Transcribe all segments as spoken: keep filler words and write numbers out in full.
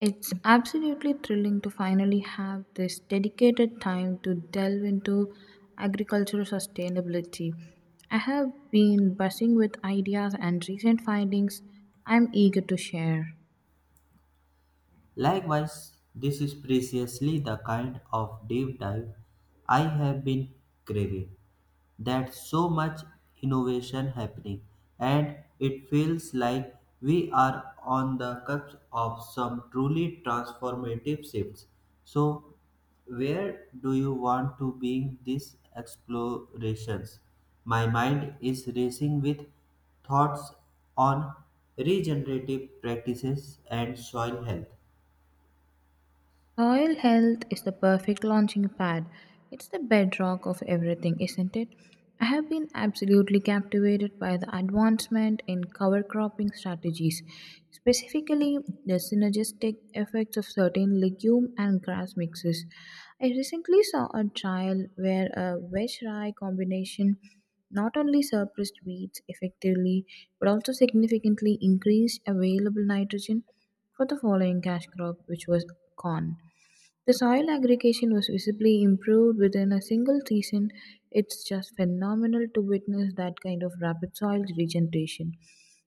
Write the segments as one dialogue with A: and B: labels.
A: It's absolutely thrilling to finally have this dedicated time to delve into agricultural sustainability. I have been buzzing with ideas and recent findings I'm eager to share.
B: Likewise, this is precisely the kind of deep dive I have been craving. That so much innovation happening, and it feels like we are on the cusp of some truly transformative shifts. So, where do you want to bring these explorations? My mind is racing with thoughts on regenerative practices and soil health.
A: Soil health is the perfect launching pad. It's the bedrock of everything, isn't it? I have been absolutely captivated by the advancement in cover cropping strategies, specifically the synergistic effects of certain legume and grass mixes. I recently saw a trial where a veg rye combination not only suppressed weeds effectively but also significantly increased available nitrogen for the following cash crop, which was corn. The soil aggregation was visibly improved within a single season. It's just phenomenal to witness that kind of rapid soil regeneration.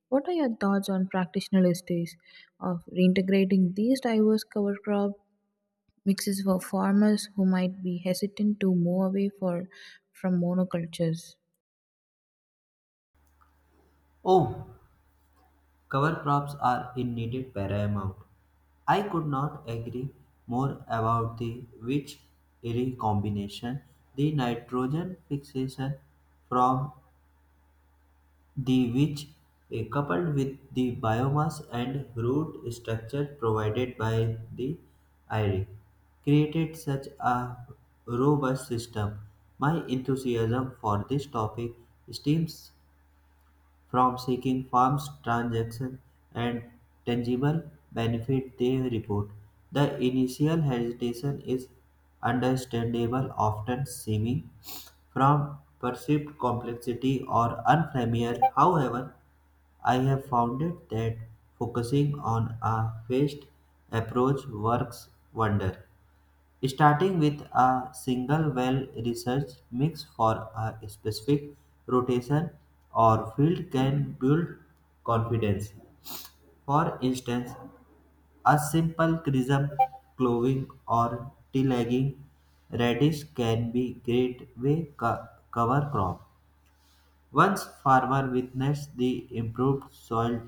A: What are your thoughts on practitioners' days of reintegrating these diverse cover crop mixes for farmers who might be hesitant to move away for, from monocultures?
B: Oh, cover crops are indeed paramount. I could not agree more about the which eerie combination the nitrogen fixation from the which eh, coupled with the biomass and root structure provided by the I R E created such a robust system. My enthusiasm for this topic stems from seeking firms' transaction, and tangible benefit, they report. The initial hesitation is understandable, often stemming from perceived complexity or unfamiliar. However, I have found it that focusing on a phased approach works wonder. Starting with a single well research mix for a specific rotation or field can build confidence. For instance, a simple crimson clothing or tillegging radish can be great way co- cover crop. Once farmer witness the improved soil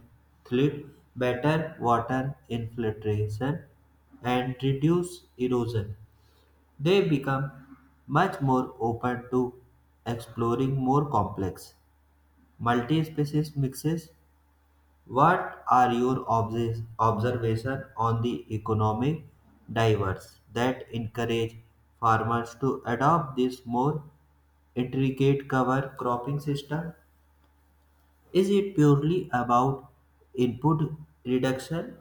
B: tillage, better water infiltration and reduce erosion they become much more open to exploring more complex multi-species mixes. What are your obs- observation on the economic drivers that encourage farmers to adopt this more intricate cover cropping system? Is it purely about input reduction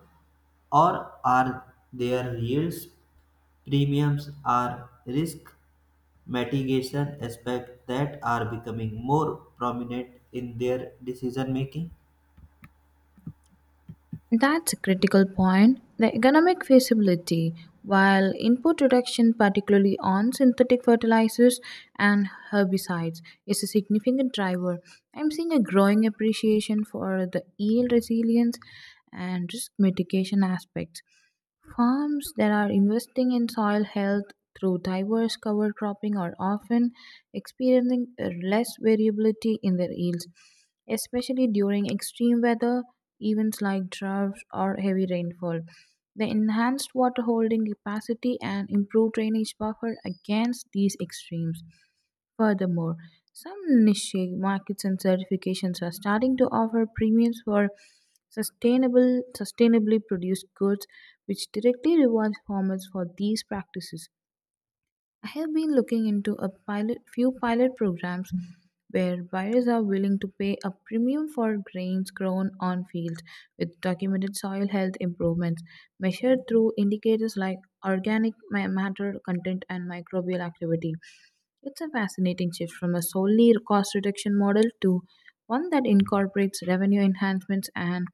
B: or are their yields premiums or risk mitigation aspects that are becoming more prominent in their decision making?
A: That's a critical point. The economic feasibility, while input reduction, particularly on synthetic fertilizers and herbicides, is a significant driver, I'm seeing a growing appreciation for the yield resilience and risk mitigation aspects. Farms that are investing in soil health through diverse cover cropping are often experiencing uh, less variability in their yields, especially during extreme weather events like droughts or heavy rainfall. The enhanced water holding capacity and improved drainage buffer against these extremes. Furthermore, some niche markets and certifications are starting to offer premiums for sustainable sustainably produced goods, which directly rewards farmers for these practices. I have been looking into a pilot few pilot programs where buyers are willing to pay a premium for grains grown on fields with documented soil health improvements measured through indicators like organic ma- matter content and microbial activity. It's a fascinating shift from a solely cost reduction model to one that incorporates revenue enhancements and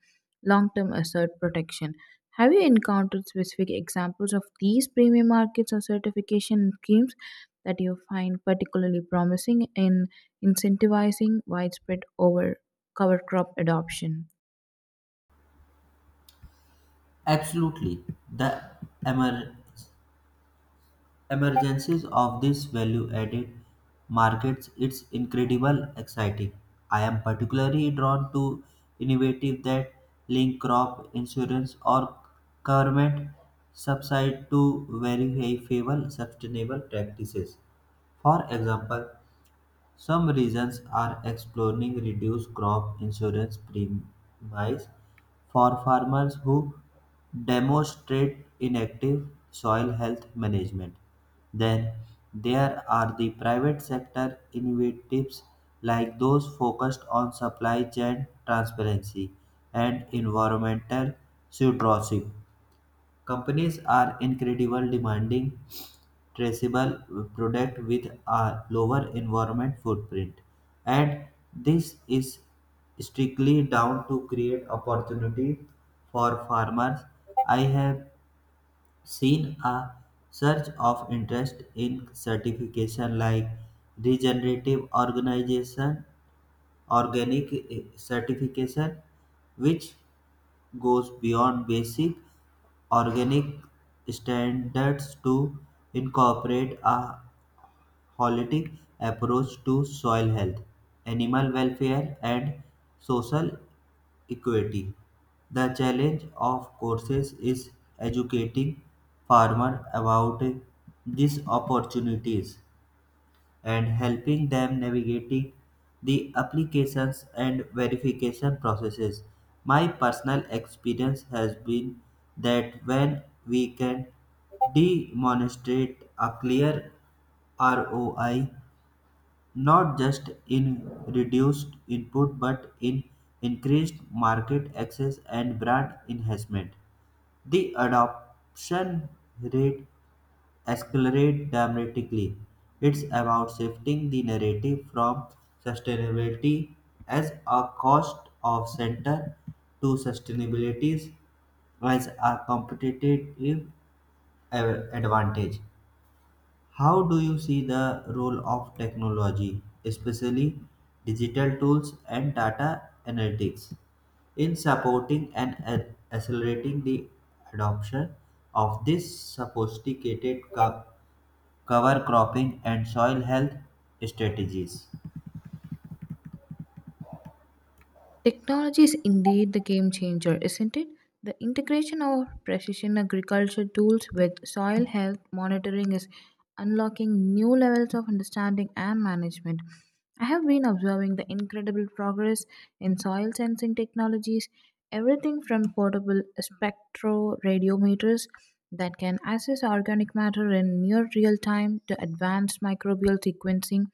A: long term asset protection. Have you encountered specific examples of these premium markets or certification schemes that you find particularly promising in incentivizing widespread over cover crop adoption?
B: Absolutely. The emer- emergencies of this value added markets it's incredible exciting. I am particularly drawn to innovative that link crop insurance or government subside to very favorable sustainable practices. For example, Some regions are exploring reduced crop insurance premiums for farmers who demonstrate inactive soil health management. Then there are the private sector initiatives like those focused on supply chain transparency and environmental stewardship. Companies are incredibly demanding traceable product with a lower environment footprint. And this is strictly down to create opportunity for farmers. I have seen a surge of interest in certification like regenerative organization, organic eh, certification, which goes beyond basic organic standards to incorporate a holistic approach to soil health, animal welfare, and social equity. The challenge, of courses is educating farmers about these opportunities and helping them navigating the applications and verification processes. My personal experience has been that when we can demonstrate a clear R O I not just in reduced input but in increased market access and brand enhancement. The adoption rate accelerate dramatically. It's about shifting the narrative from sustainability as a cost of center to sustainability as a competitive advantage. How do you see the role of technology, especially digital tools and data analytics, in supporting and a- accelerating the adoption of this sophisticated co- cover cropping and soil health strategies?
A: Technology is indeed the game changer, isn't it? The integration of precision agriculture tools with soil health monitoring is unlocking new levels of understanding and management. I have been observing the incredible progress in soil sensing technologies, everything from portable spectro radiometers that can assess organic matter in near real time to advanced microbial sequencing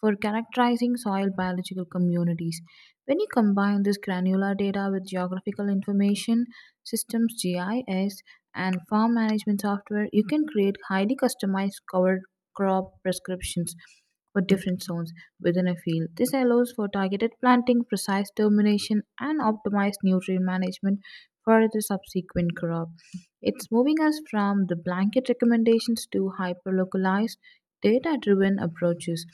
A: for characterizing soil biological communities. When you combine this granular data with geographical information systems, G I S, and farm management software, you can create highly customized cover crop prescriptions for different zones within a field. This allows for targeted planting, precise termination, and optimized nutrient management for the subsequent crop. It's moving us from the blanket recommendations to hyper localized, data driven approaches.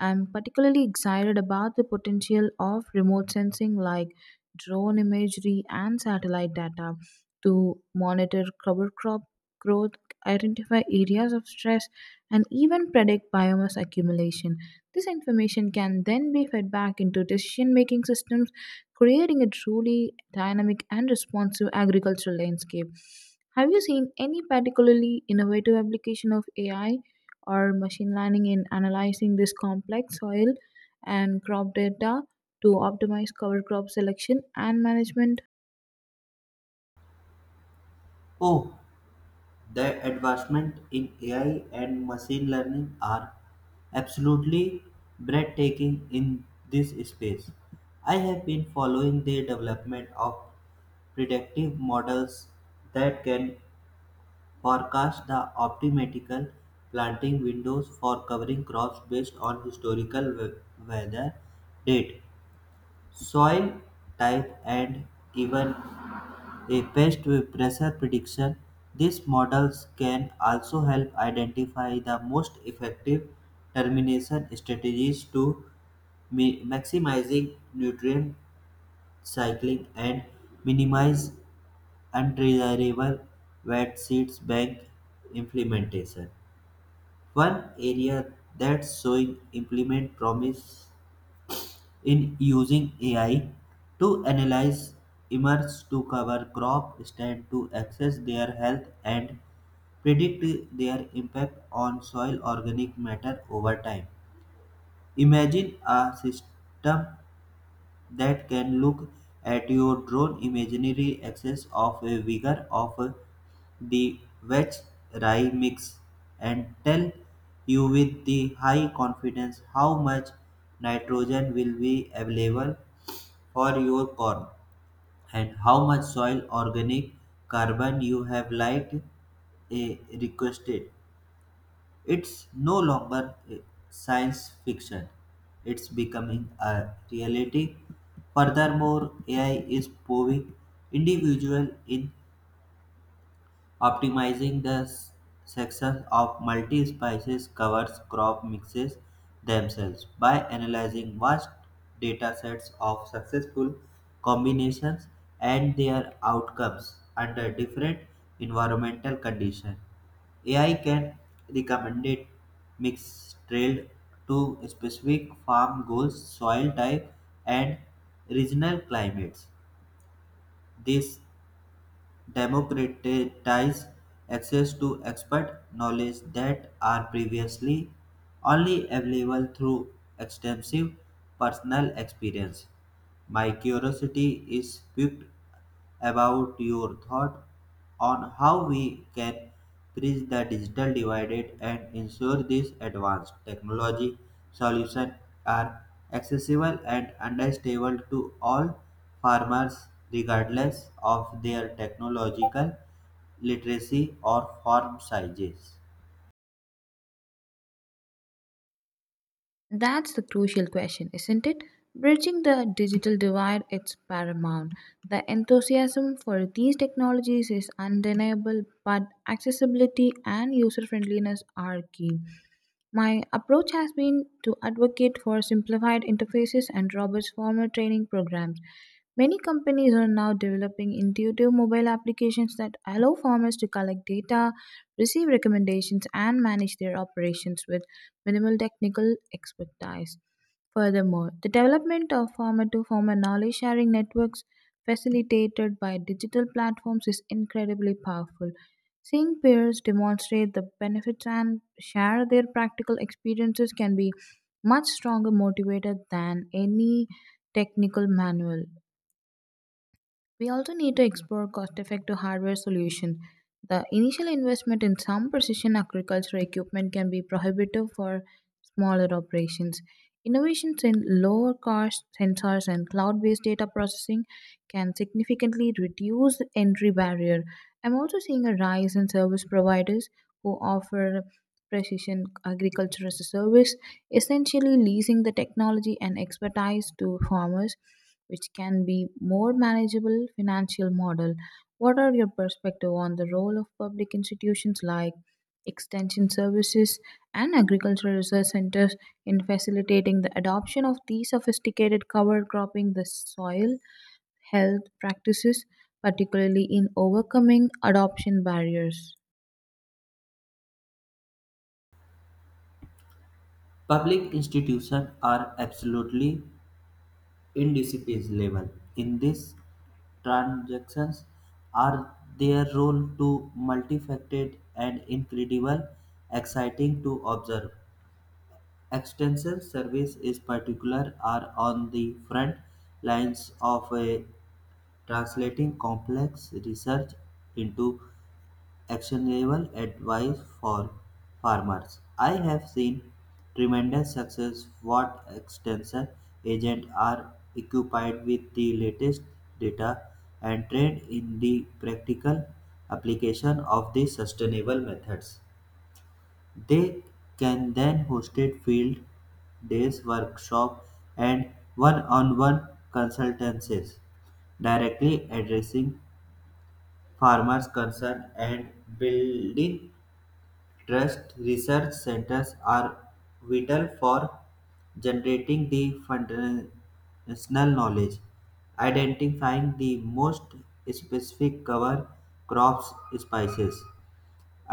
A: I'm particularly excited about the potential of remote sensing like drone imagery and satellite data to monitor cover crop growth, identify areas of stress, and even predict biomass accumulation. This information can then be fed back into decision making systems, creating a truly dynamic and responsive agricultural landscape. Have you seen any particularly innovative application of A I or machine learning in analyzing this complex soil and crop data to optimize cover crop selection and management?
B: Oh, the advancement in A I and machine learning are absolutely breathtaking in this space. I have been following the development of predictive models that can forecast the optimal planting windows for covering crops based on historical we- weather, date, soil type, and even a pest pressure prediction. These models can also help identify the most effective termination strategies to mi- maximizing nutrient cycling and minimize undesirable wet seeds bank implementation. One area that's showing implement promise in using A I to analyze emerge to cover crop stand to assess their health and predict their impact on soil organic matter over time. Imagine a system that can look at your drone imaginary axis of a vigor of the Vetch rye mix and tell you with the high confidence how much nitrogen will be available for your corn and how much soil organic carbon you have liked eh, requested. It's no longer a science fiction, it's becoming a reality. Furthermore, A I is proving individual in Optimizing the s- success of multi-species covers crop mixes themselves by analyzing vast data sets of successful combinations and their outcomes under different environmental conditions. A I can recommend it mix trailed to specific farm goals, soil type, and regional climates. This democratize access to expert knowledge that are previously only available through extensive personal experience. My curiosity is piqued about your thought on how we can bridge the digital divide and ensure these advanced technology solutions are accessible and understandable to all farmers regardless of their technological literacy or farm sizes.
A: That's the crucial question, isn't it? Bridging the digital divide is paramount. The enthusiasm for these technologies is undeniable, but accessibility and user friendliness are key. My approach has been to advocate for simplified interfaces and robust formal training programs. Many companies are now developing intuitive mobile applications that allow farmers to collect data, receive recommendations, and manage their operations with minimal technical expertise. Furthermore, the development of farmer to farmer knowledge sharing networks facilitated by digital platforms is incredibly powerful. Seeing peers demonstrate the benefits and share their practical experiences can be much stronger motivator than any technical manual. We also need to explore cost effective hardware solutions. The initial investment in some precision agriculture equipment can be prohibitive for smaller operations. Innovations in lower cost sensors and cloud based data processing can significantly reduce the entry barrier. I'm also seeing a rise in service providers who offer precision agriculture as a service, essentially leasing the technology and expertise to farmers, which can be more manageable financial model. What are your perspective on the role of public institutions like extension services and agricultural research centers in facilitating the adoption of these sophisticated cover cropping the soil health practices, particularly in overcoming adoption barriers?
B: Public institutions are absolutely indisciplines level in these transactions are their role to multifaceted and incredible exciting to observe. Extension service is particular are on the front lines of a translating complex research into actionable advice for farmers. I have seen tremendous success what extension agents are equipped with the latest data and trained in the practical application of the sustainable methods. They can then host field days, workshop, and one-on-one consultancies directly addressing farmers' concern and building Trust Research centers are vital for generating the foundational knowledge, identifying the most specific cover crops, spices,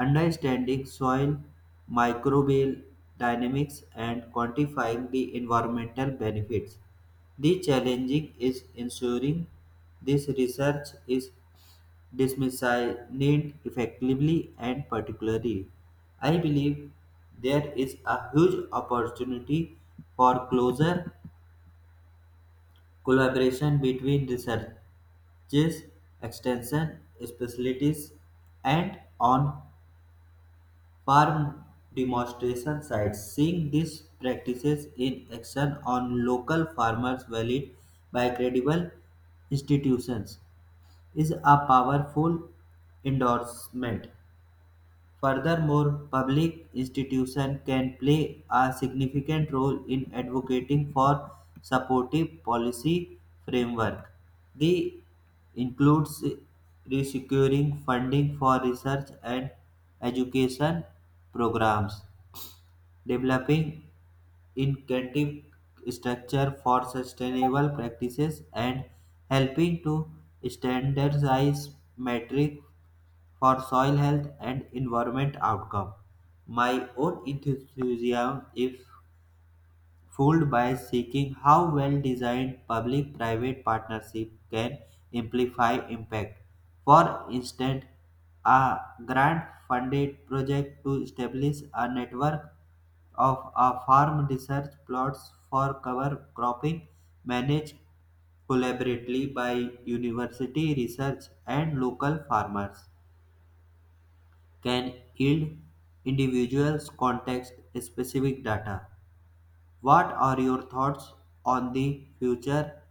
B: understanding soil microbial dynamics, and quantifying the environmental benefits. The challenging is ensuring this research is dismissed effectively and particularly. I believe there is a huge opportunity for closer collaboration between researchers, extension specialties, and on farm demonstration sites. Seeing these practices in action on local farmers valid by credible institutions is a powerful endorsement Furthermore, public institutions can play a significant role in advocating for supportive policy framework. This includes securing funding for research and education programs, developing incentive structure for sustainable practices, and helping to standardize metrics for soil health and environment outcome. My own enthusiasm is fueled by seeking how well designed public private partnership can amplify impact. For instance, a grant funded project to establish a network of a farm research plots for cover cropping managed collaboratively by university research and local farmers can yield individuals context-specific data. What are your thoughts on the future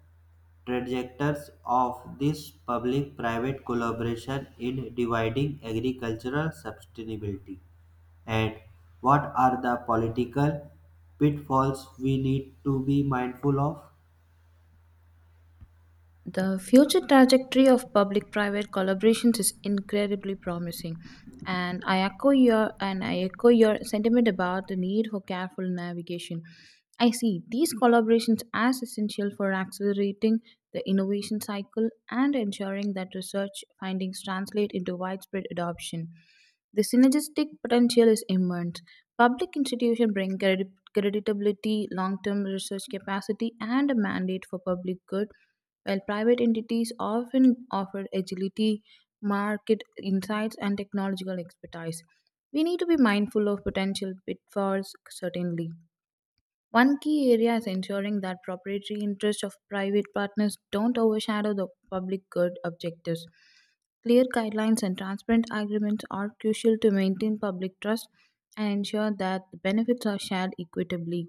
B: trajectories of this public-private collaboration in dividing agricultural sustainability? And what are the political pitfalls we need to be mindful of?
A: The future trajectory of public private collaborations is incredibly promising. And I echo your and I echo your sentiment about the need for careful navigation. I see these collaborations as essential for accelerating the innovation cycle and ensuring that research findings translate into widespread adoption. The synergistic potential is immense. Public institutions bring credi- creditability, long term research capacity, and a mandate for public good, while private entities often offer agility, market insights, and technological expertise. We need to be mindful of potential pitfalls, certainly. One key area is ensuring that proprietary interests of private partners don't overshadow the public good objectives. Clear guidelines and transparent agreements are crucial to maintain public trust and ensure that the benefits are shared equitably.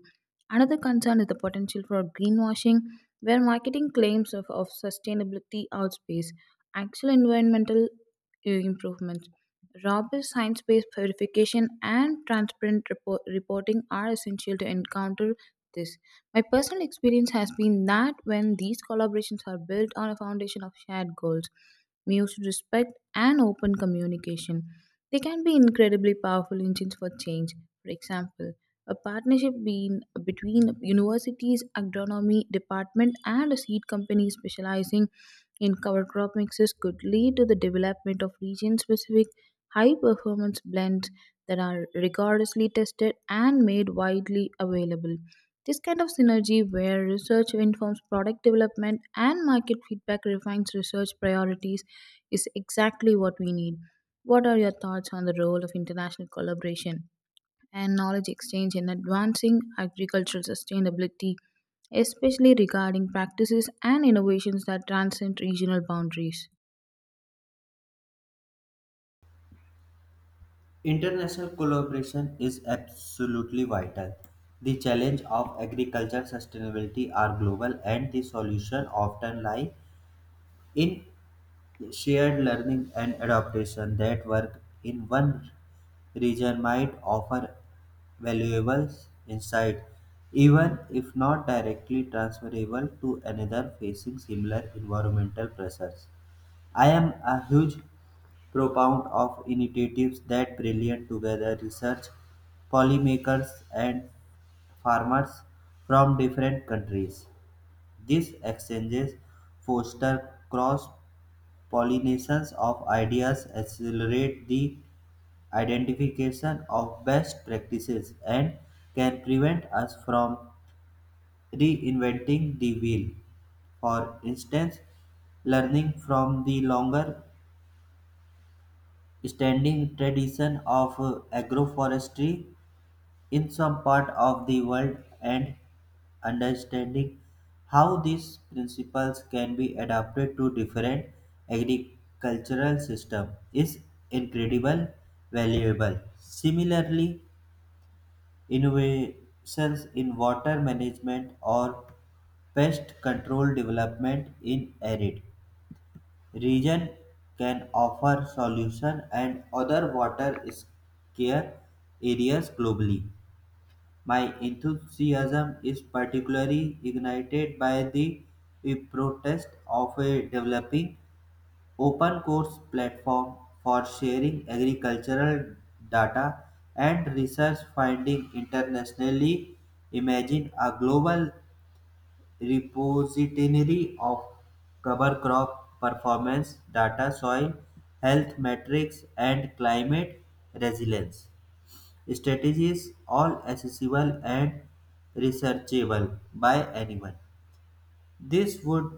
A: Another concern is the potential for greenwashing, where marketing claims of, of sustainability outpace actual environmental uh, improvements. Robust science based verification and transparent report- reporting are essential to encounter this. My personal experience has been that when these collaborations are built on a foundation of shared goals, mutual respect, and open communication, they can be incredibly powerful engines for change. For example, a partnership being between universities, agronomy department, and a seed company specializing in cover crop mixes could lead to the development of region specific high performance blends that are rigorously tested and made widely available. This kind of synergy, where research informs product development and market feedback refines research priorities, is exactly what we need. What are your thoughts on the role of international collaboration and knowledge exchange in advancing agricultural sustainability, especially regarding practices and innovations that transcend regional boundaries?
B: International collaboration is absolutely vital. The challenge of agriculture sustainability are global and the solution often lie in shared learning and adaptation that work in one region might offer valuable insight even if not directly transferable to another facing similar environmental pressures. I am a huge proponent of initiatives that bring together research, policymakers, and farmers from different countries. These exchanges foster cross pollinations of ideas, accelerate the identification of best practices, and can prevent us from reinventing the wheel. For instance, learning from the longer standing tradition of uh, agroforestry in some part of the world and understanding how these principles can be adapted to different agricultural systems is incredible valuable. Similarly, innovations in water management or pest control development in arid Region can offer solution and other water scarce areas globally. My enthusiasm is particularly ignited by the protest of a developing open course platform for sharing agricultural data and research finding internationally. Imagine a global repository of cover crop performance data, soil health metrics, and climate resilience strategies, all accessible and researchable by anyone. This would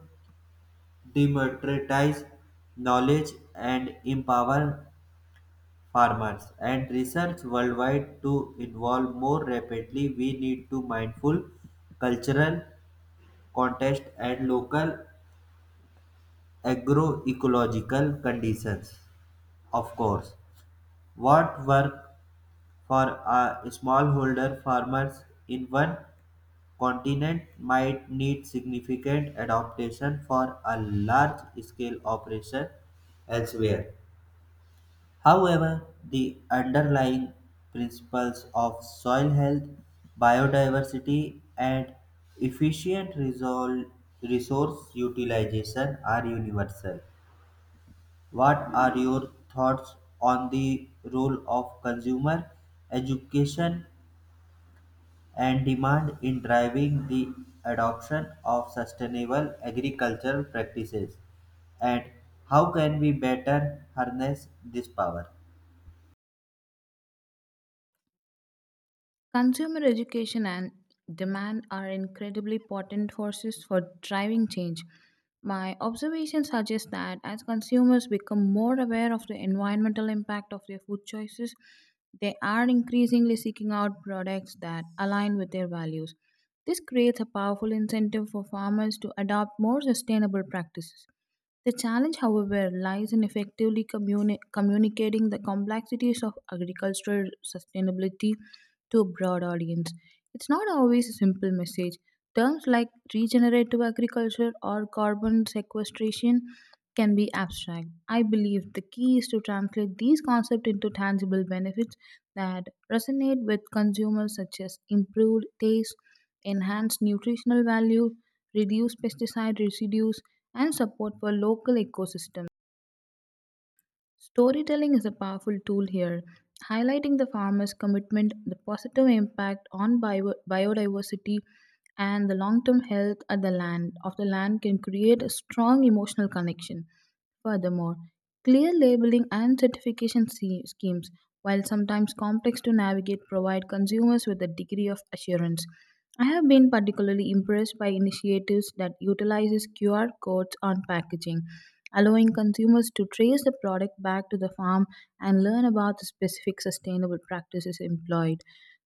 B: democratize knowledge and empower farmers and research worldwide to evolve more rapidly. We need to mindful cultural context and local agroecological conditions, of course, what work for a smallholder farmers in one continent might need significant adaptation for a large scale operation elsewhere. However, the underlying principles of soil health, biodiversity, and efficient resol- resource utilization are universal. What are your thoughts on the role of consumer education and demand in driving the adoption of sustainable agricultural practices? And how can we better harness this power?
A: Consumer education and demand are incredibly potent forces for driving change. My observation suggests that as consumers become more aware of the environmental impact of their food choices, they are increasingly seeking out products that align with their values. This creates a powerful incentive for farmers to adopt more sustainable practices. The challenge, however, lies in effectively communi- communicating the complexities of agricultural sustainability to a broad audience. It's not always a simple message. Terms like regenerative agriculture or carbon sequestration can be abstract. I believe the key is to translate these concepts into tangible benefits that resonate with consumers, such as improved taste, enhanced nutritional value, reduced pesticide residues, and support for local ecosystems. Storytelling is a powerful tool here, highlighting the farmer's commitment, the positive impact on bio- biodiversity, and the long-term health of the land of the land can create a strong emotional connection. Furthermore, clear labeling and certification se- schemes, while sometimes complex to navigate, provide consumers with a degree of assurance. I have been particularly impressed by initiatives that utilizes Q R codes on packaging, allowing consumers to trace the product back to the farm and learn about the specific sustainable practices employed.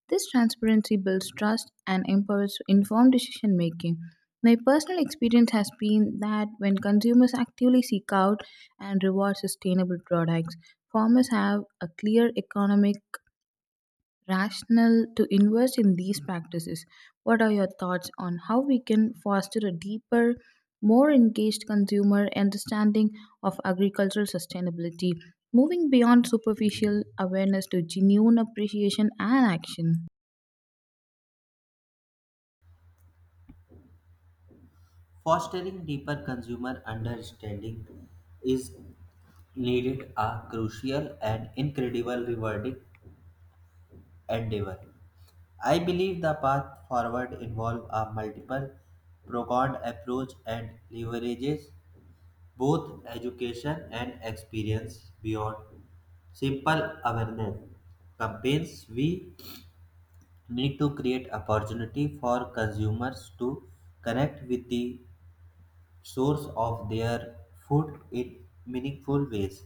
A: This transparency builds trust and empowers informed decision making. My personal experience has been that when consumers actively seek out and reward sustainable products, farmers have a clear economic rationale to invest in these practices. What are your thoughts on how we can foster a deeper, more engaged consumer understanding of agricultural sustainability, moving beyond superficial awareness to genuine appreciation and action?
B: Fostering deeper consumer understanding is needed a crucial and incredible rewarding endeavor. I believe the path forward involves a multiple pronged approach and leverages both education and experience beyond simple awareness campaigns. We need to create opportunity for consumers to connect with the source of their food in meaningful ways.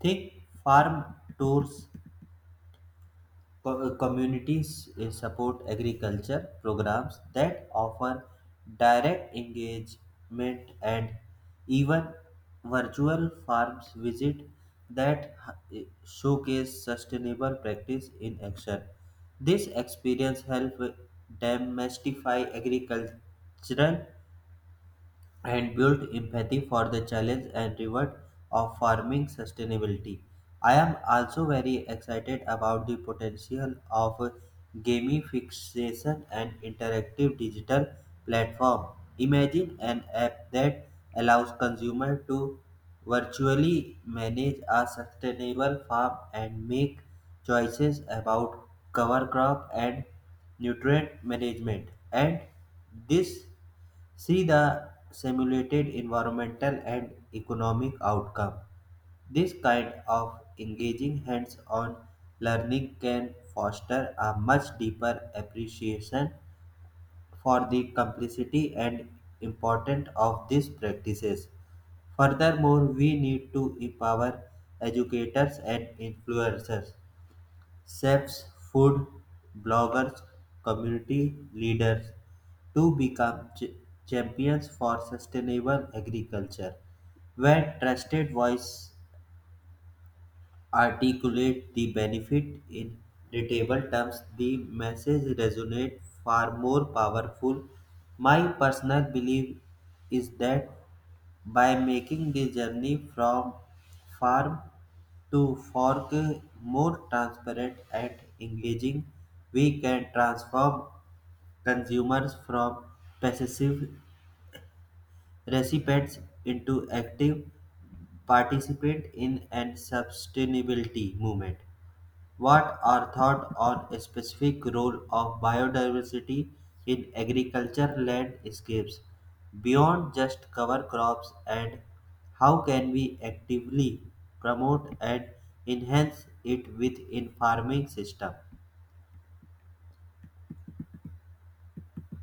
B: Think farm tours Co- uh, communities uh, support agriculture programs that offer direct engagement and even virtual farms visit that h- uh, showcase sustainable practice in action. This experience helps demystify agricultural and build empathy for the challenge and reward of farming sustainability. I am also very excited about the potential of gamification and interactive digital platform. Imagine an app that allows consumers to virtually manage a sustainable farm and make choices about cover crop and nutrient management and this See the simulated environmental and economic outcome. This kind of engaging hands on learning can foster a much deeper appreciation for the complexity and importance of these practices. Furthermore, we need to empower educators and influencers chefs, food bloggers, community leaders to become ch- champions for sustainable agriculture, where trusted voices articulate the benefit in readable terms, the message resonates far more powerful. My personal belief is that by making the journey from farm to fork more transparent and engaging, we can transform consumers from passive recipients into active participants in a sustainability movement. What are thought on a specific role of biodiversity in agriculture landscapes beyond just cover crops and how can we actively promote and enhance it within farming system?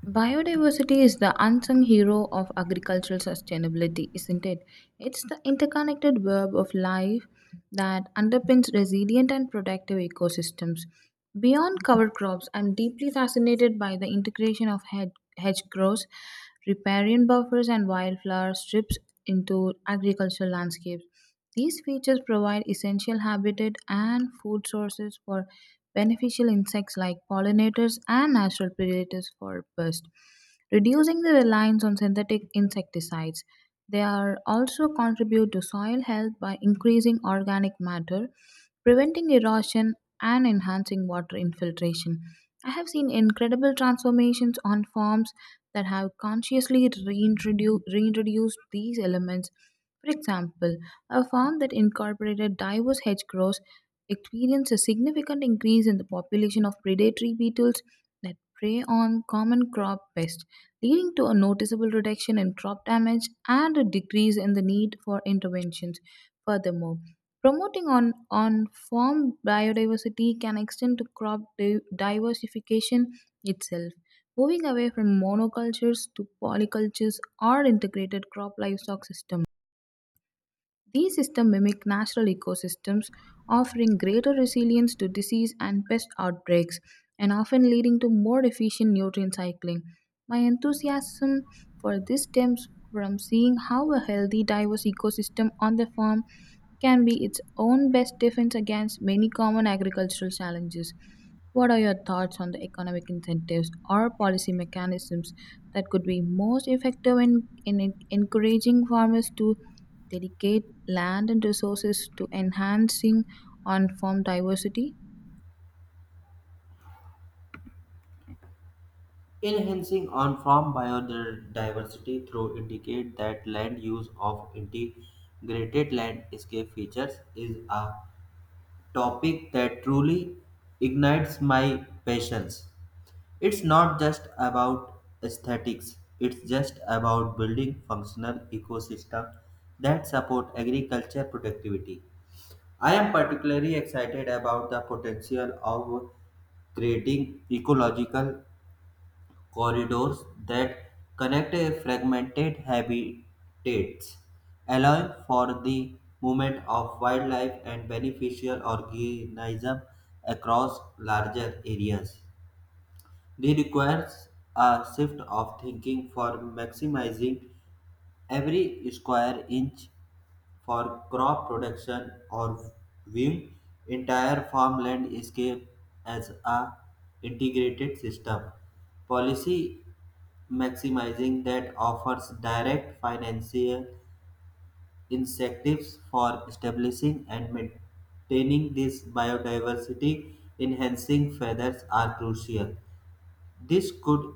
A: Biodiversity is the unsung hero of agricultural sustainability, isn't it? It's the interconnected web of life that underpins resilient and productive ecosystems. Beyond cover crops, I'm deeply fascinated by the integration of hedge, hedge riparian buffers, and wildflower strips into agricultural landscapes. These features provide essential habitat and food sources for beneficial insects like pollinators and natural predators for pests, reducing the reliance on synthetic insecticides. They are also contribute to soil health by increasing organic matter, preventing erosion and enhancing water infiltration. I have seen incredible transformations on farms that have consciously reintrodu- reintroduced these elements. For example, a farm that incorporated diverse hedgerows experienced a significant increase in the population of predatory beetles that prey on common crop pests, leading to a noticeable reduction in crop damage and a decrease in the need for interventions. Furthermore, promoting on, on farm biodiversity can extend to crop di- diversification itself. Moving away from monocultures to polycultures or integrated crop livestock systems, these systems mimic natural ecosystems, offering greater resilience to disease and pest outbreaks, and often leading to more efficient nutrient cycling. My enthusiasm for this stems from seeing how a healthy, diverse ecosystem on the farm can be its own best defense against many common agricultural challenges. What are your thoughts on the economic incentives or policy mechanisms that could be most effective in, in en- encouraging farmers to dedicate land and resources to enhancing on farm diversity?
B: Enhancing on-farm biodiversity through indicate that land use of integrated landscape features is a topic that truly ignites my passions. It's not just about aesthetics, it's just about building functional ecosystem that support agriculture productivity. I am particularly excited about the potential of creating ecological corridors that connect a fragmented habitats, allowing for the movement of wildlife and beneficial organisms across larger areas. They requires a shift of thinking for maximizing every square inch for crop production or viewing entire farmland landscape as a integrated system. Policy maximizing that offers direct financial incentives for establishing and maintaining this biodiversity enhancing feathers are crucial. This could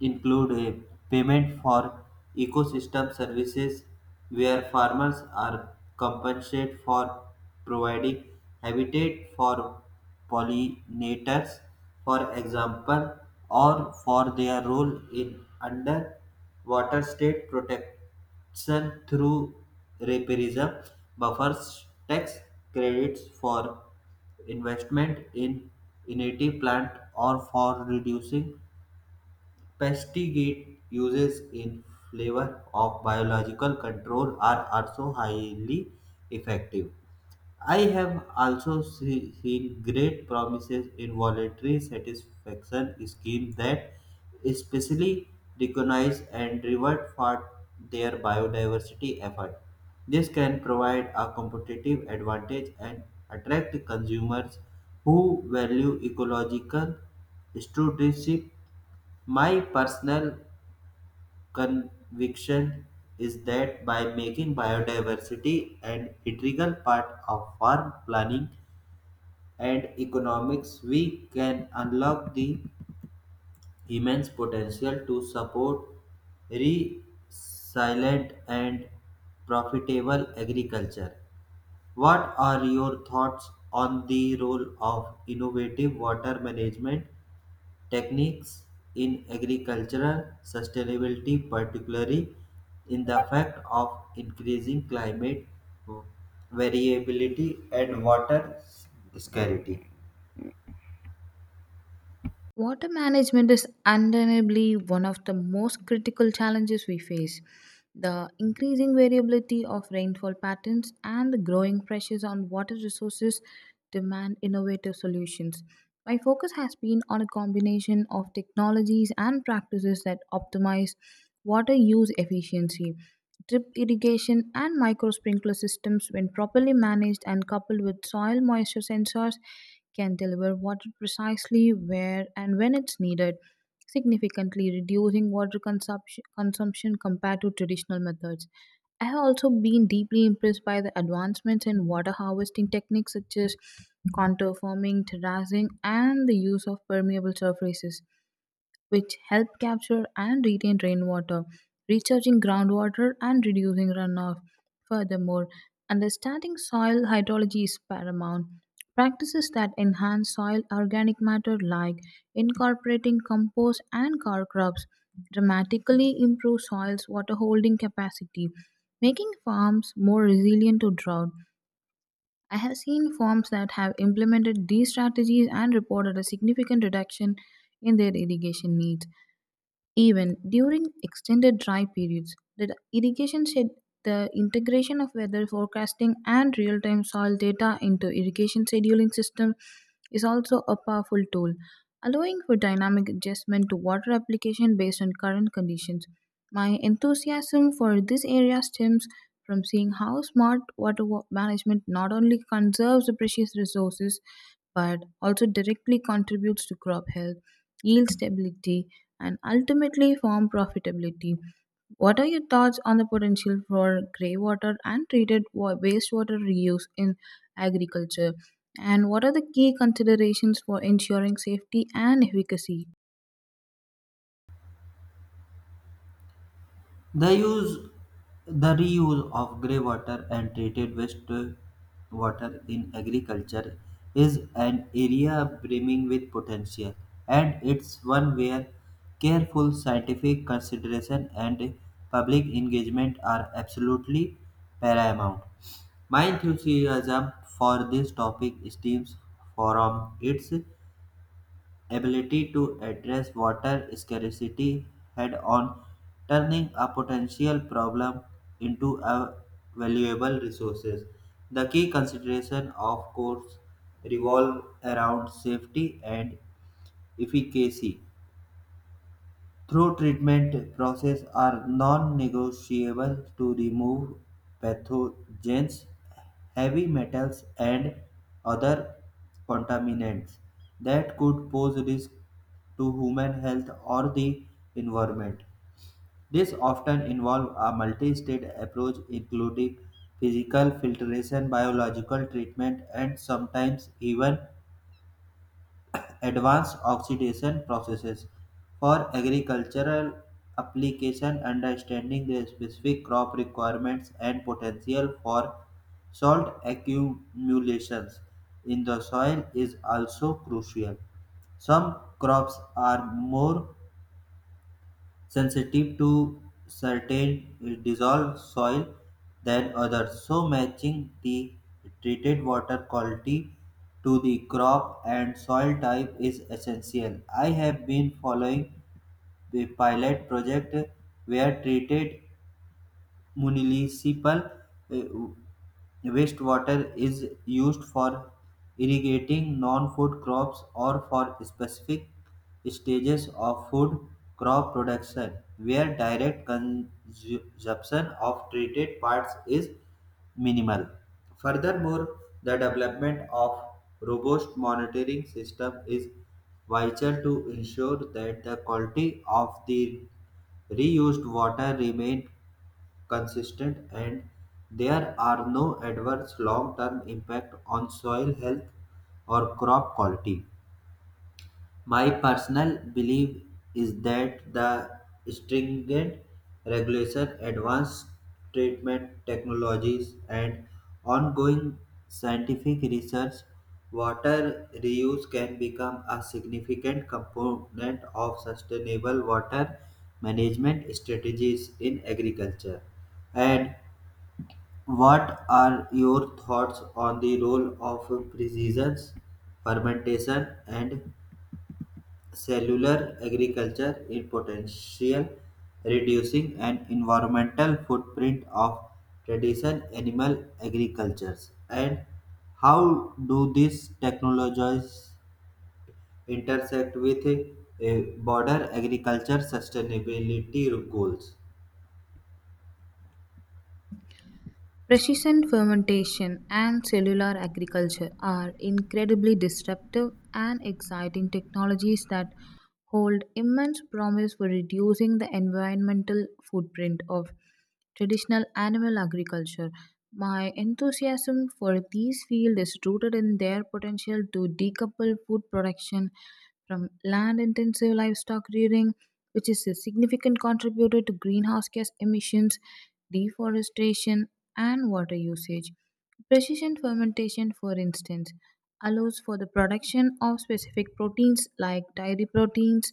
B: include a payment for ecosystem services where farmers are compensated for providing habitat for pollinators, for example, or for their role in underwater state protect. Done through repairism, buffers tax credits for investment in native plant or for reducing pesticide uses in flavor of biological control are also highly effective. I have also see- seen great promises in voluntary satisfaction schemes that especially recognize and reward for their biodiversity effort. This can provide a competitive advantage and attract consumers who value ecological stewardship. My personal conviction is that by making biodiversity an integral part of farm planning, and economics, we can unlock the immense potential to support resilient and profitable agriculture. What are your thoughts on the role of innovative water management techniques in agricultural sustainability, particularly in the fact of increasing climate variability and water scarcity?
A: Water management is undeniably one of the most critical challenges we face. The increasing variability of rainfall patterns and the growing pressures on water resources demand innovative solutions. My focus has been on a combination of technologies and practices that optimize water use efficiency. Drip irrigation and micro sprinkler systems, when properly managed and coupled with soil moisture sensors, can deliver water precisely where and when it's needed, significantly reducing water consumption, consumption compared to traditional methods. I have also been deeply impressed by the advancements in water harvesting techniques such as contour farming, terracing, and the use of permeable surfaces which help capture and retain rainwater, recharging groundwater and reducing runoff. Furthermore, understanding soil hydrology is paramount. Practices that enhance soil organic matter, like incorporating compost and cover crops, dramatically improve soil's water holding capacity, making farms more resilient to drought. I have seen farms that have implemented these strategies and reported a significant reduction in their irrigation needs. Even during extended dry periods, the irrigation said the integration of weather forecasting and real-time soil data into irrigation scheduling system is also a powerful tool, allowing for dynamic adjustment to water application based on current conditions. My enthusiasm for this area stems from seeing how smart water wa- management not only conserves the precious resources but also directly contributes to crop health, yield stability, and ultimately farm profitability. What are your thoughts on the potential for grey water and treated wa- wastewater reuse in agriculture? And what are the key considerations for ensuring safety and efficacy?
B: The use, the reuse of grey water and treated waste water in agriculture is an area brimming with potential, and it's one where careful scientific consideration and public engagement are absolutely paramount. My enthusiasm for this topic stems from its ability to address water scarcity head on, turning a potential problem into a valuable resource. The key consideration, of course, revolve around safety and efficacy. Through treatment processes are non-negotiable to remove pathogens, heavy metals and other contaminants that could pose risk to human health or the environment. This often involves a multi-stage approach including physical filtration, biological treatment and sometimes even advanced oxidation processes for agricultural application understanding the specific crop requirements and potential for salt accumulations in the soil is also crucial. Some crops are more sensitive to certain dissolved soil than others, so matching the treated water quality to the crop and soil type is essential. I have been following the pilot project where treated municipal eh, wastewater is used for irrigating non-food crops or for specific stages of food crop production where direct consumption of treated parts is minimal. Furthermore, the development of robust monitoring system is vital to ensure that the quality of the reused water remain consistent and there are no adverse long term impact on soil health or crop quality. My personal belief is that the stringent regulation, advanced treatment technologies, and ongoing scientific research, water reuse can become a significant component of sustainable water management strategies in agriculture. And what are your thoughts on the role of precision fermentation and cellular agriculture in potential reducing an environmental footprint of traditional animal agricultures, and how do these technologies intersect with uh, border agriculture sustainability goals?
A: Precision fermentation and cellular agriculture are incredibly disruptive and exciting technologies that hold immense promise for reducing the environmental footprint of traditional animal agriculture. My enthusiasm for these fields is rooted in their potential to decouple food production from land intensive livestock rearing, which is a significant contributor to greenhouse gas emissions, deforestation, and water usage. Precision fermentation, for instance, allows for the production of specific proteins like dairy proteins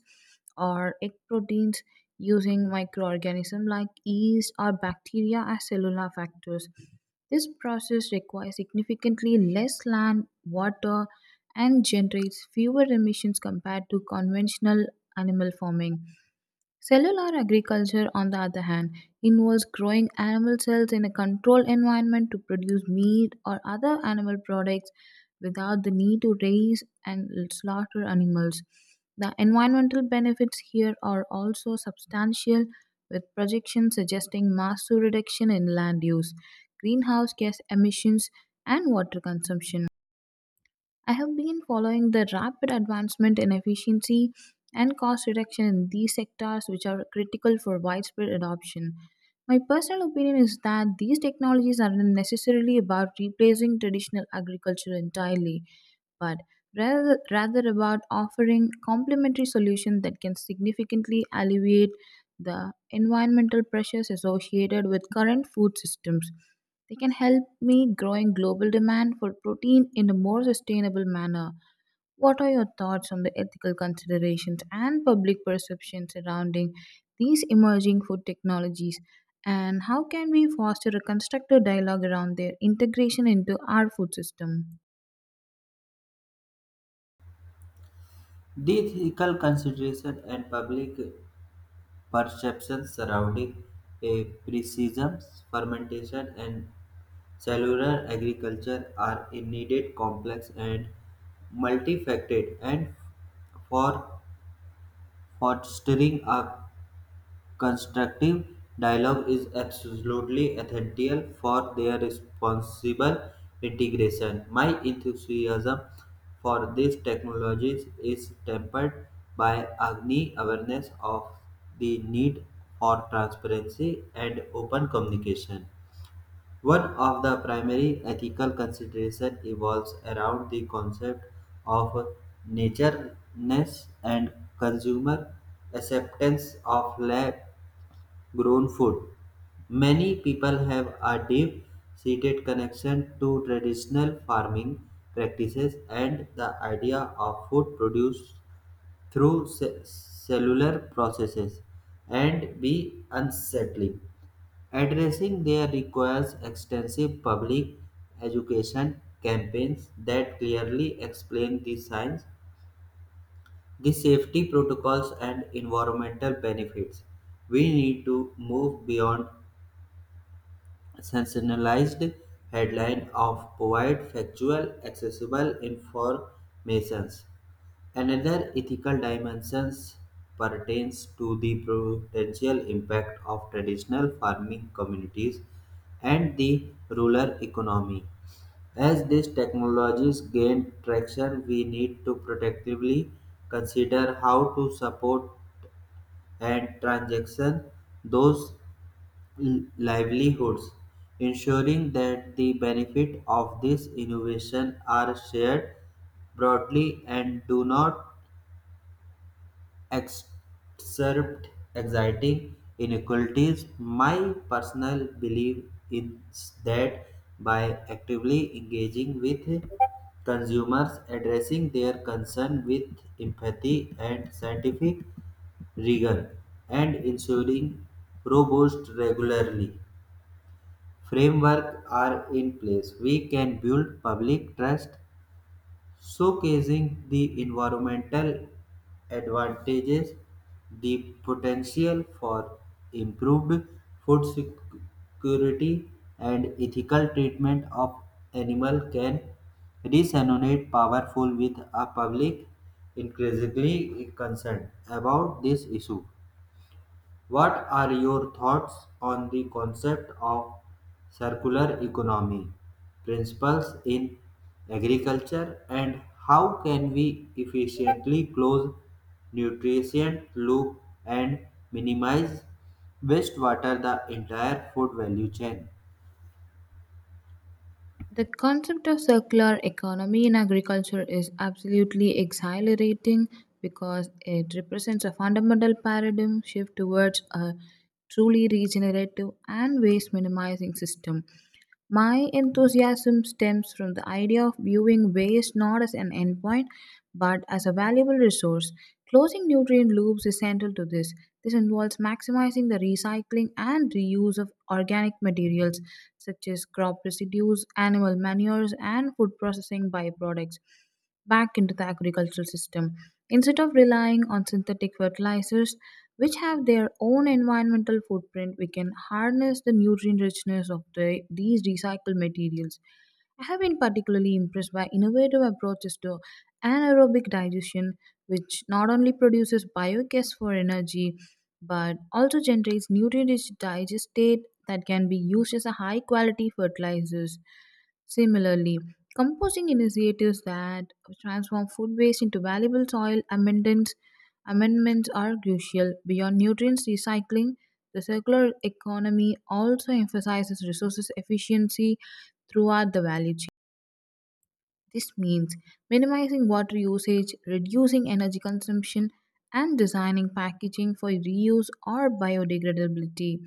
A: or egg proteins using microorganisms like yeast or bacteria as cellular factors. This process requires significantly less land, water, and generates fewer emissions compared to conventional animal farming. Cellular agriculture, on the other hand, involves growing animal cells in a controlled environment to produce meat or other animal products without the need to raise and slaughter animals. The environmental benefits here are also substantial, with projections suggesting massive reduction in land use, greenhouse gas emissions, and water consumption. I have been following the rapid advancement in efficiency and cost reduction in these sectors, which are critical for widespread adoption. My personal opinion is that these technologies are not necessarily about replacing traditional agriculture entirely, but rather, rather about offering complementary solutions that can significantly alleviate the environmental pressures associated with current food systems. They can help meet growing global demand for protein in a more sustainable manner. What are your thoughts on the ethical considerations and public perception surrounding these emerging food technologies? And how can we foster a constructive dialogue around their integration into our food system?
B: The ethical consideration and public perceptions surrounding a precision, fermentation, and cellular agriculture are indeed complex and multifaceted, and for fostering a constructive dialogue is absolutely essential for their responsible integration. My enthusiasm for these technologies is tempered by Agni awareness of the need for transparency and open communication. One of the primary ethical considerations evolves around the concept of natureness and consumer acceptance of lab grown food. Many people have a deep seated connection to traditional farming practices and the idea of food produced through ce- cellular processes and be unsettling. Addressing there requires extensive public education campaigns that clearly explain the science, the safety protocols, and environmental benefits. We need to move beyond sensationalized headline of provide factual, accessible informations. Another ethical dimension pertains to the potential impact of traditional farming communities and the rural economy. As these technologies gain traction, we need to protectively consider how to support and transaction those l- livelihoods, ensuring that the benefit of this innovation are shared broadly and do not exacerbate existing inequalities. My personal belief is that by actively engaging with consumers, addressing their concern with empathy and scientific rigor, and ensuring robust regularly framework are in place, we can build public trust. Showcasing the environmental advantages, the potential for improved food security, and ethical treatment of animal can resonate powerful with a public increasingly concerned about this issue. What are your thoughts on the concept of circular economy principles in agriculture, and how can we efficiently close nutrition loop and minimize wastewater the entire food value chain?
A: The concept of circular economy in agriculture is absolutely exhilarating because it represents a fundamental paradigm shift towards a truly regenerative and waste minimizing system. My enthusiasm stems from the idea of viewing waste not as an endpoint but as a valuable resource. Closing nutrient loops is central to this. This involves maximizing the recycling and reuse of organic materials such as crop residues, animal manures, and food processing byproducts back into the agricultural system instead of relying on synthetic fertilizers which have their own environmental footprint. We can harness the nutrient richness of the, these recycled materials. I have been particularly impressed by innovative approaches to anaerobic digestion, which not only produces biogas for energy but also generates nutrient rich digestate that can be used as a high quality fertilizers. Similarly, composting initiatives that transform food waste into valuable soil amendments, amendments are crucial. Beyond nutrients recycling, the circular economy also emphasizes resources efficiency throughout the value chain. This means minimizing water usage, reducing energy consumption, and designing packaging for reuse or biodegradability.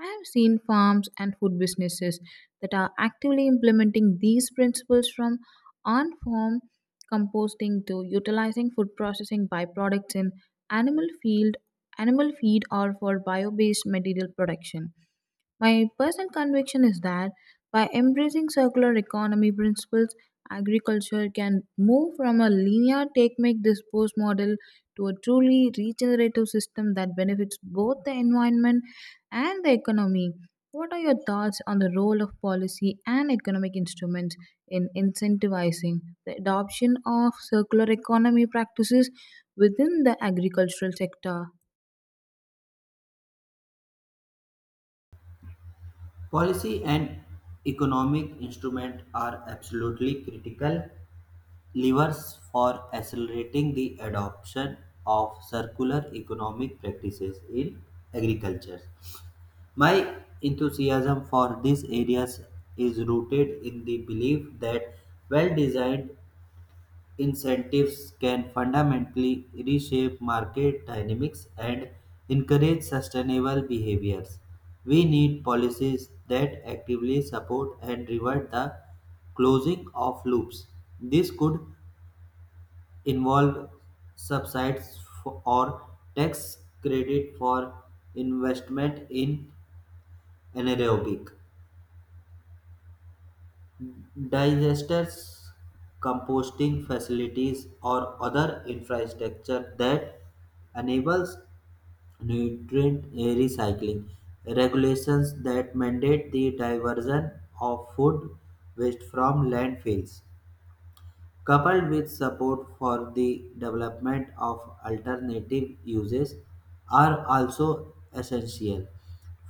A: I have seen farms and food businesses that are actively implementing these principles from on farm composting to utilizing food processing byproducts in animal field animal feed or for bio-based material production. My personal conviction is that by embracing circular economy principles, agriculture can move from a linear take make dispose model to a truly regenerative system that benefits both the environment and the economy. What are your thoughts on the role of policy and economic instruments in incentivizing the adoption of circular economy practices within the agricultural sector?
B: Policy and economic instruments are absolutely critical levers for accelerating the adoption of circular economic practices in agriculture. My enthusiasm for these areas is rooted in the belief that well designed incentives can fundamentally reshape market dynamics and encourage sustainable behaviors. We need policies that actively support and reward the closing of loops. This could involve subsidies for- or tax credit for investment in anaerobic digesters, composting facilities, or other infrastructure that enables nutrient recycling. Regulations that mandate the diversion of food waste from landfills coupled with support for the development of alternative uses are also essential.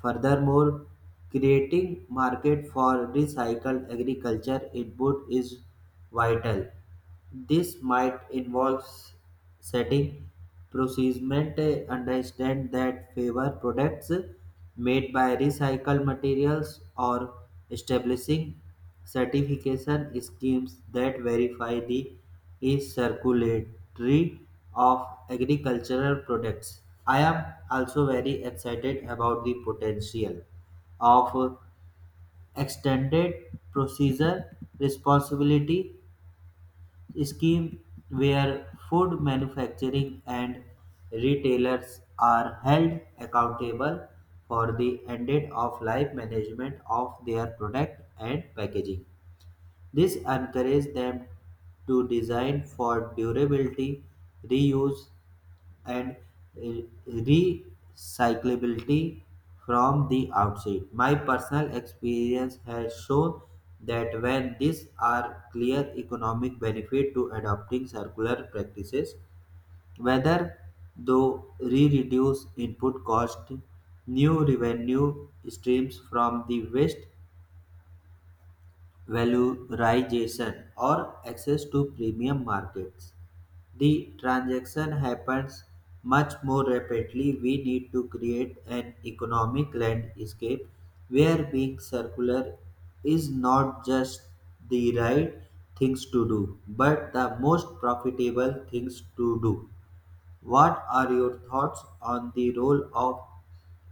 B: Furthermore, creating market for recycled agriculture input is vital. This might involve s- setting procurement uh, understand that favor products made by recycled materials or establishing certification schemes that verify the circularity of agricultural products. I am also very excited about the potential of extended procedure responsibility scheme where food manufacturing and retailers are held accountable for the end of life management of their product and packaging. This encourages them to design for durability, reuse, and re- recyclability from the outset. My personal experience has shown that when these are clear economic benefit to adopting circular practices, whether though re-reduce input cost, new revenue streams from the waste valorization or access to premium markets. The transaction happens much more rapidly. We need to create an economic landscape where being circular is not just the right things to do, but the most profitable things to do. What are your thoughts on the role of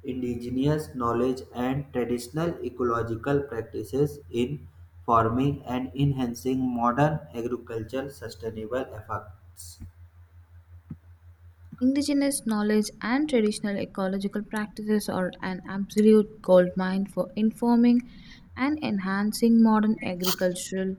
B: indigenous knowledge and traditional ecological practices in forming and enhancing modern agricultural sustainable efforts?
A: Indigenous knowledge and traditional ecological practices are an absolute goldmine for informing and enhancing modern agricultural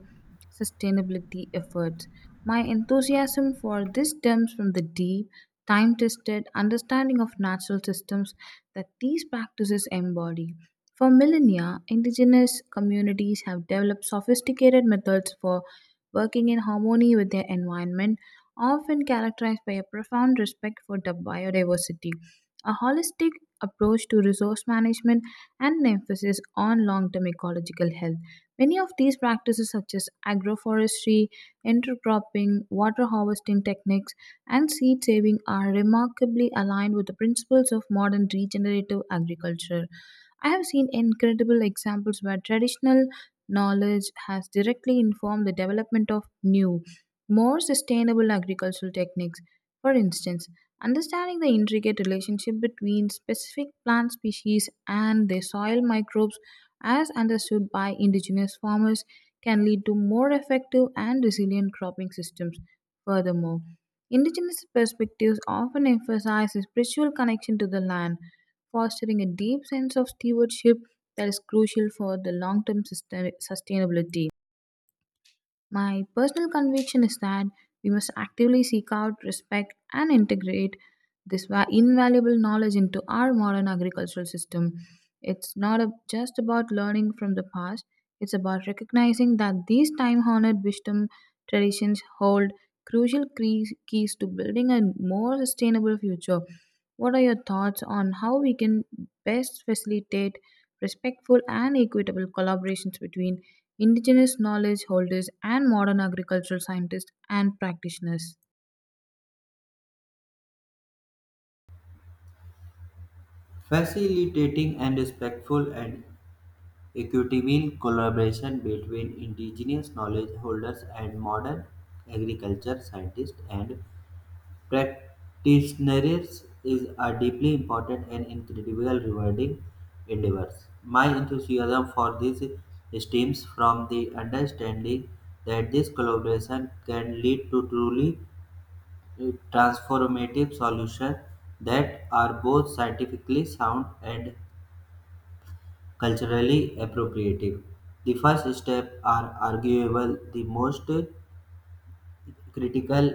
A: sustainability efforts. My enthusiasm for this stems from the deep, time tested understanding of natural systems that these practices embody. For millennia, indigenous communities have developed sophisticated methods for working in harmony with their environment often characterized by a profound respect for the biodiversity, a holistic approach to resource management, and an emphasis on long term ecological health. Many of these practices, such as agroforestry, intercropping, water harvesting techniques, and seed saving, are remarkably aligned with the principles of modern regenerative agriculture. I have seen incredible examples where traditional knowledge has directly informed the development of new more sustainable agricultural techniques. For instance, understanding the intricate relationship between specific plant species and their soil microbes, as understood by indigenous farmers, can lead to more effective and resilient cropping systems. Furthermore, indigenous perspectives often emphasize a spiritual connection to the land, fostering a deep sense of stewardship that is crucial for the long term sustainability. My personal conviction is that we must actively seek out, respect, and integrate this va- invaluable knowledge into our modern agricultural system. It's not a- just about learning from the past, it's about recognizing that these time honored wisdom traditions hold crucial cre- keys to building a more sustainable future. What are your thoughts on how we can best facilitate respectful and equitable collaborations between indigenous knowledge holders, and modern agricultural scientists and practitioners?
B: Facilitating and respectful and equitable collaboration between indigenous knowledge holders and modern agriculture scientists and practitioners is a deeply important and incredibly rewarding endeavor. My enthusiasm for this stems from the understanding that this collaboration can lead to truly uh, transformative solutions that are both scientifically sound and culturally appropriate. The first step are arguable the most critical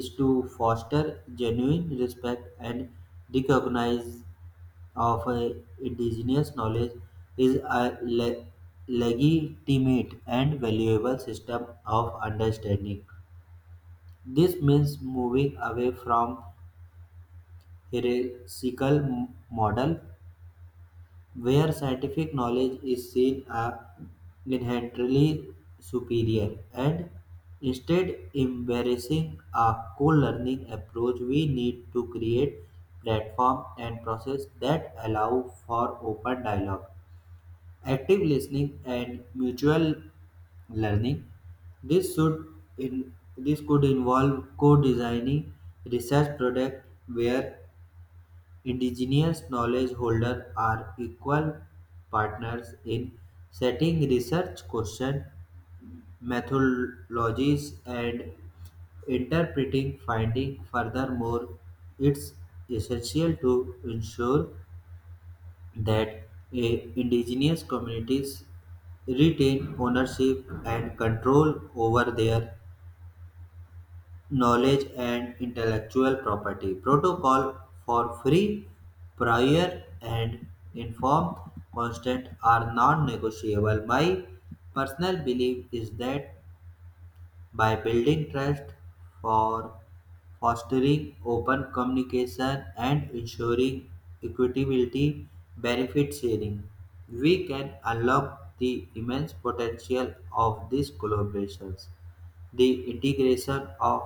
B: is to foster genuine respect and recognize of a indigenous knowledge is a le- legitimate and valuable system of understanding. This means moving away from hierarchical m- model where scientific knowledge is seen as inherently superior, and instead embracing a co-learning approach. We need to create platform and process that allow for open dialogue, active listening and mutual learning. This should in this could involve co-designing research project where indigenous knowledge holders are equal partners in setting research questions, methodologies, and interpreting findings. Furthermore, it's essential to ensure that eh, indigenous communities retain ownership and control over their knowledge and intellectual property protocol for free prior and informed consent are non-negotiable. My personal belief is that by building trust for fostering open communication and ensuring equitability benefit sharing, we can unlock the immense potential of these collaborations. The integration of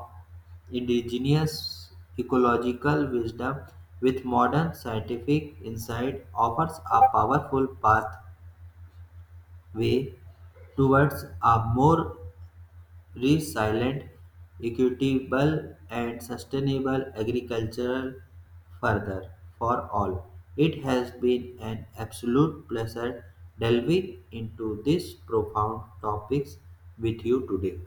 B: indigenous ecological wisdom with modern scientific insight offers a powerful pathway towards a more resilient, equitable, and sustainable agricultural further for all. It has been an absolute pleasure delving into these profound topics with you today.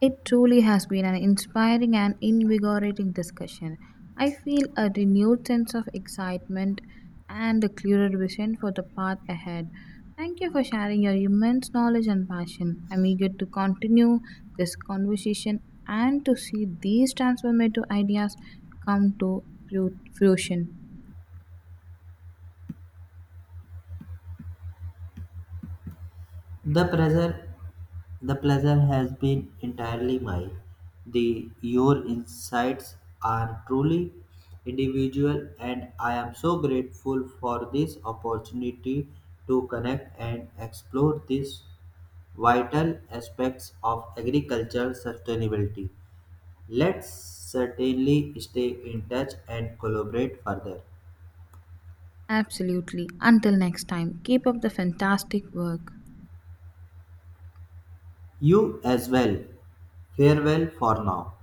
A: It truly has been an inspiring and invigorating discussion. I feel a renewed sense of excitement and a clearer vision for the path ahead. Thank you for sharing your immense knowledge and passion. I'm eager to continue this conversation and to see these transformative ideas come to fru- fruition.
B: The pleasure, the pleasure has been entirely mine. The your insights are truly individual, and I am so grateful for this opportunity to connect and explore these vital aspects of agriculture sustainability. Let's certainly stay in touch and collaborate further.
A: Absolutely. Until next time, keep up the fantastic work.
B: You as well. Farewell for now.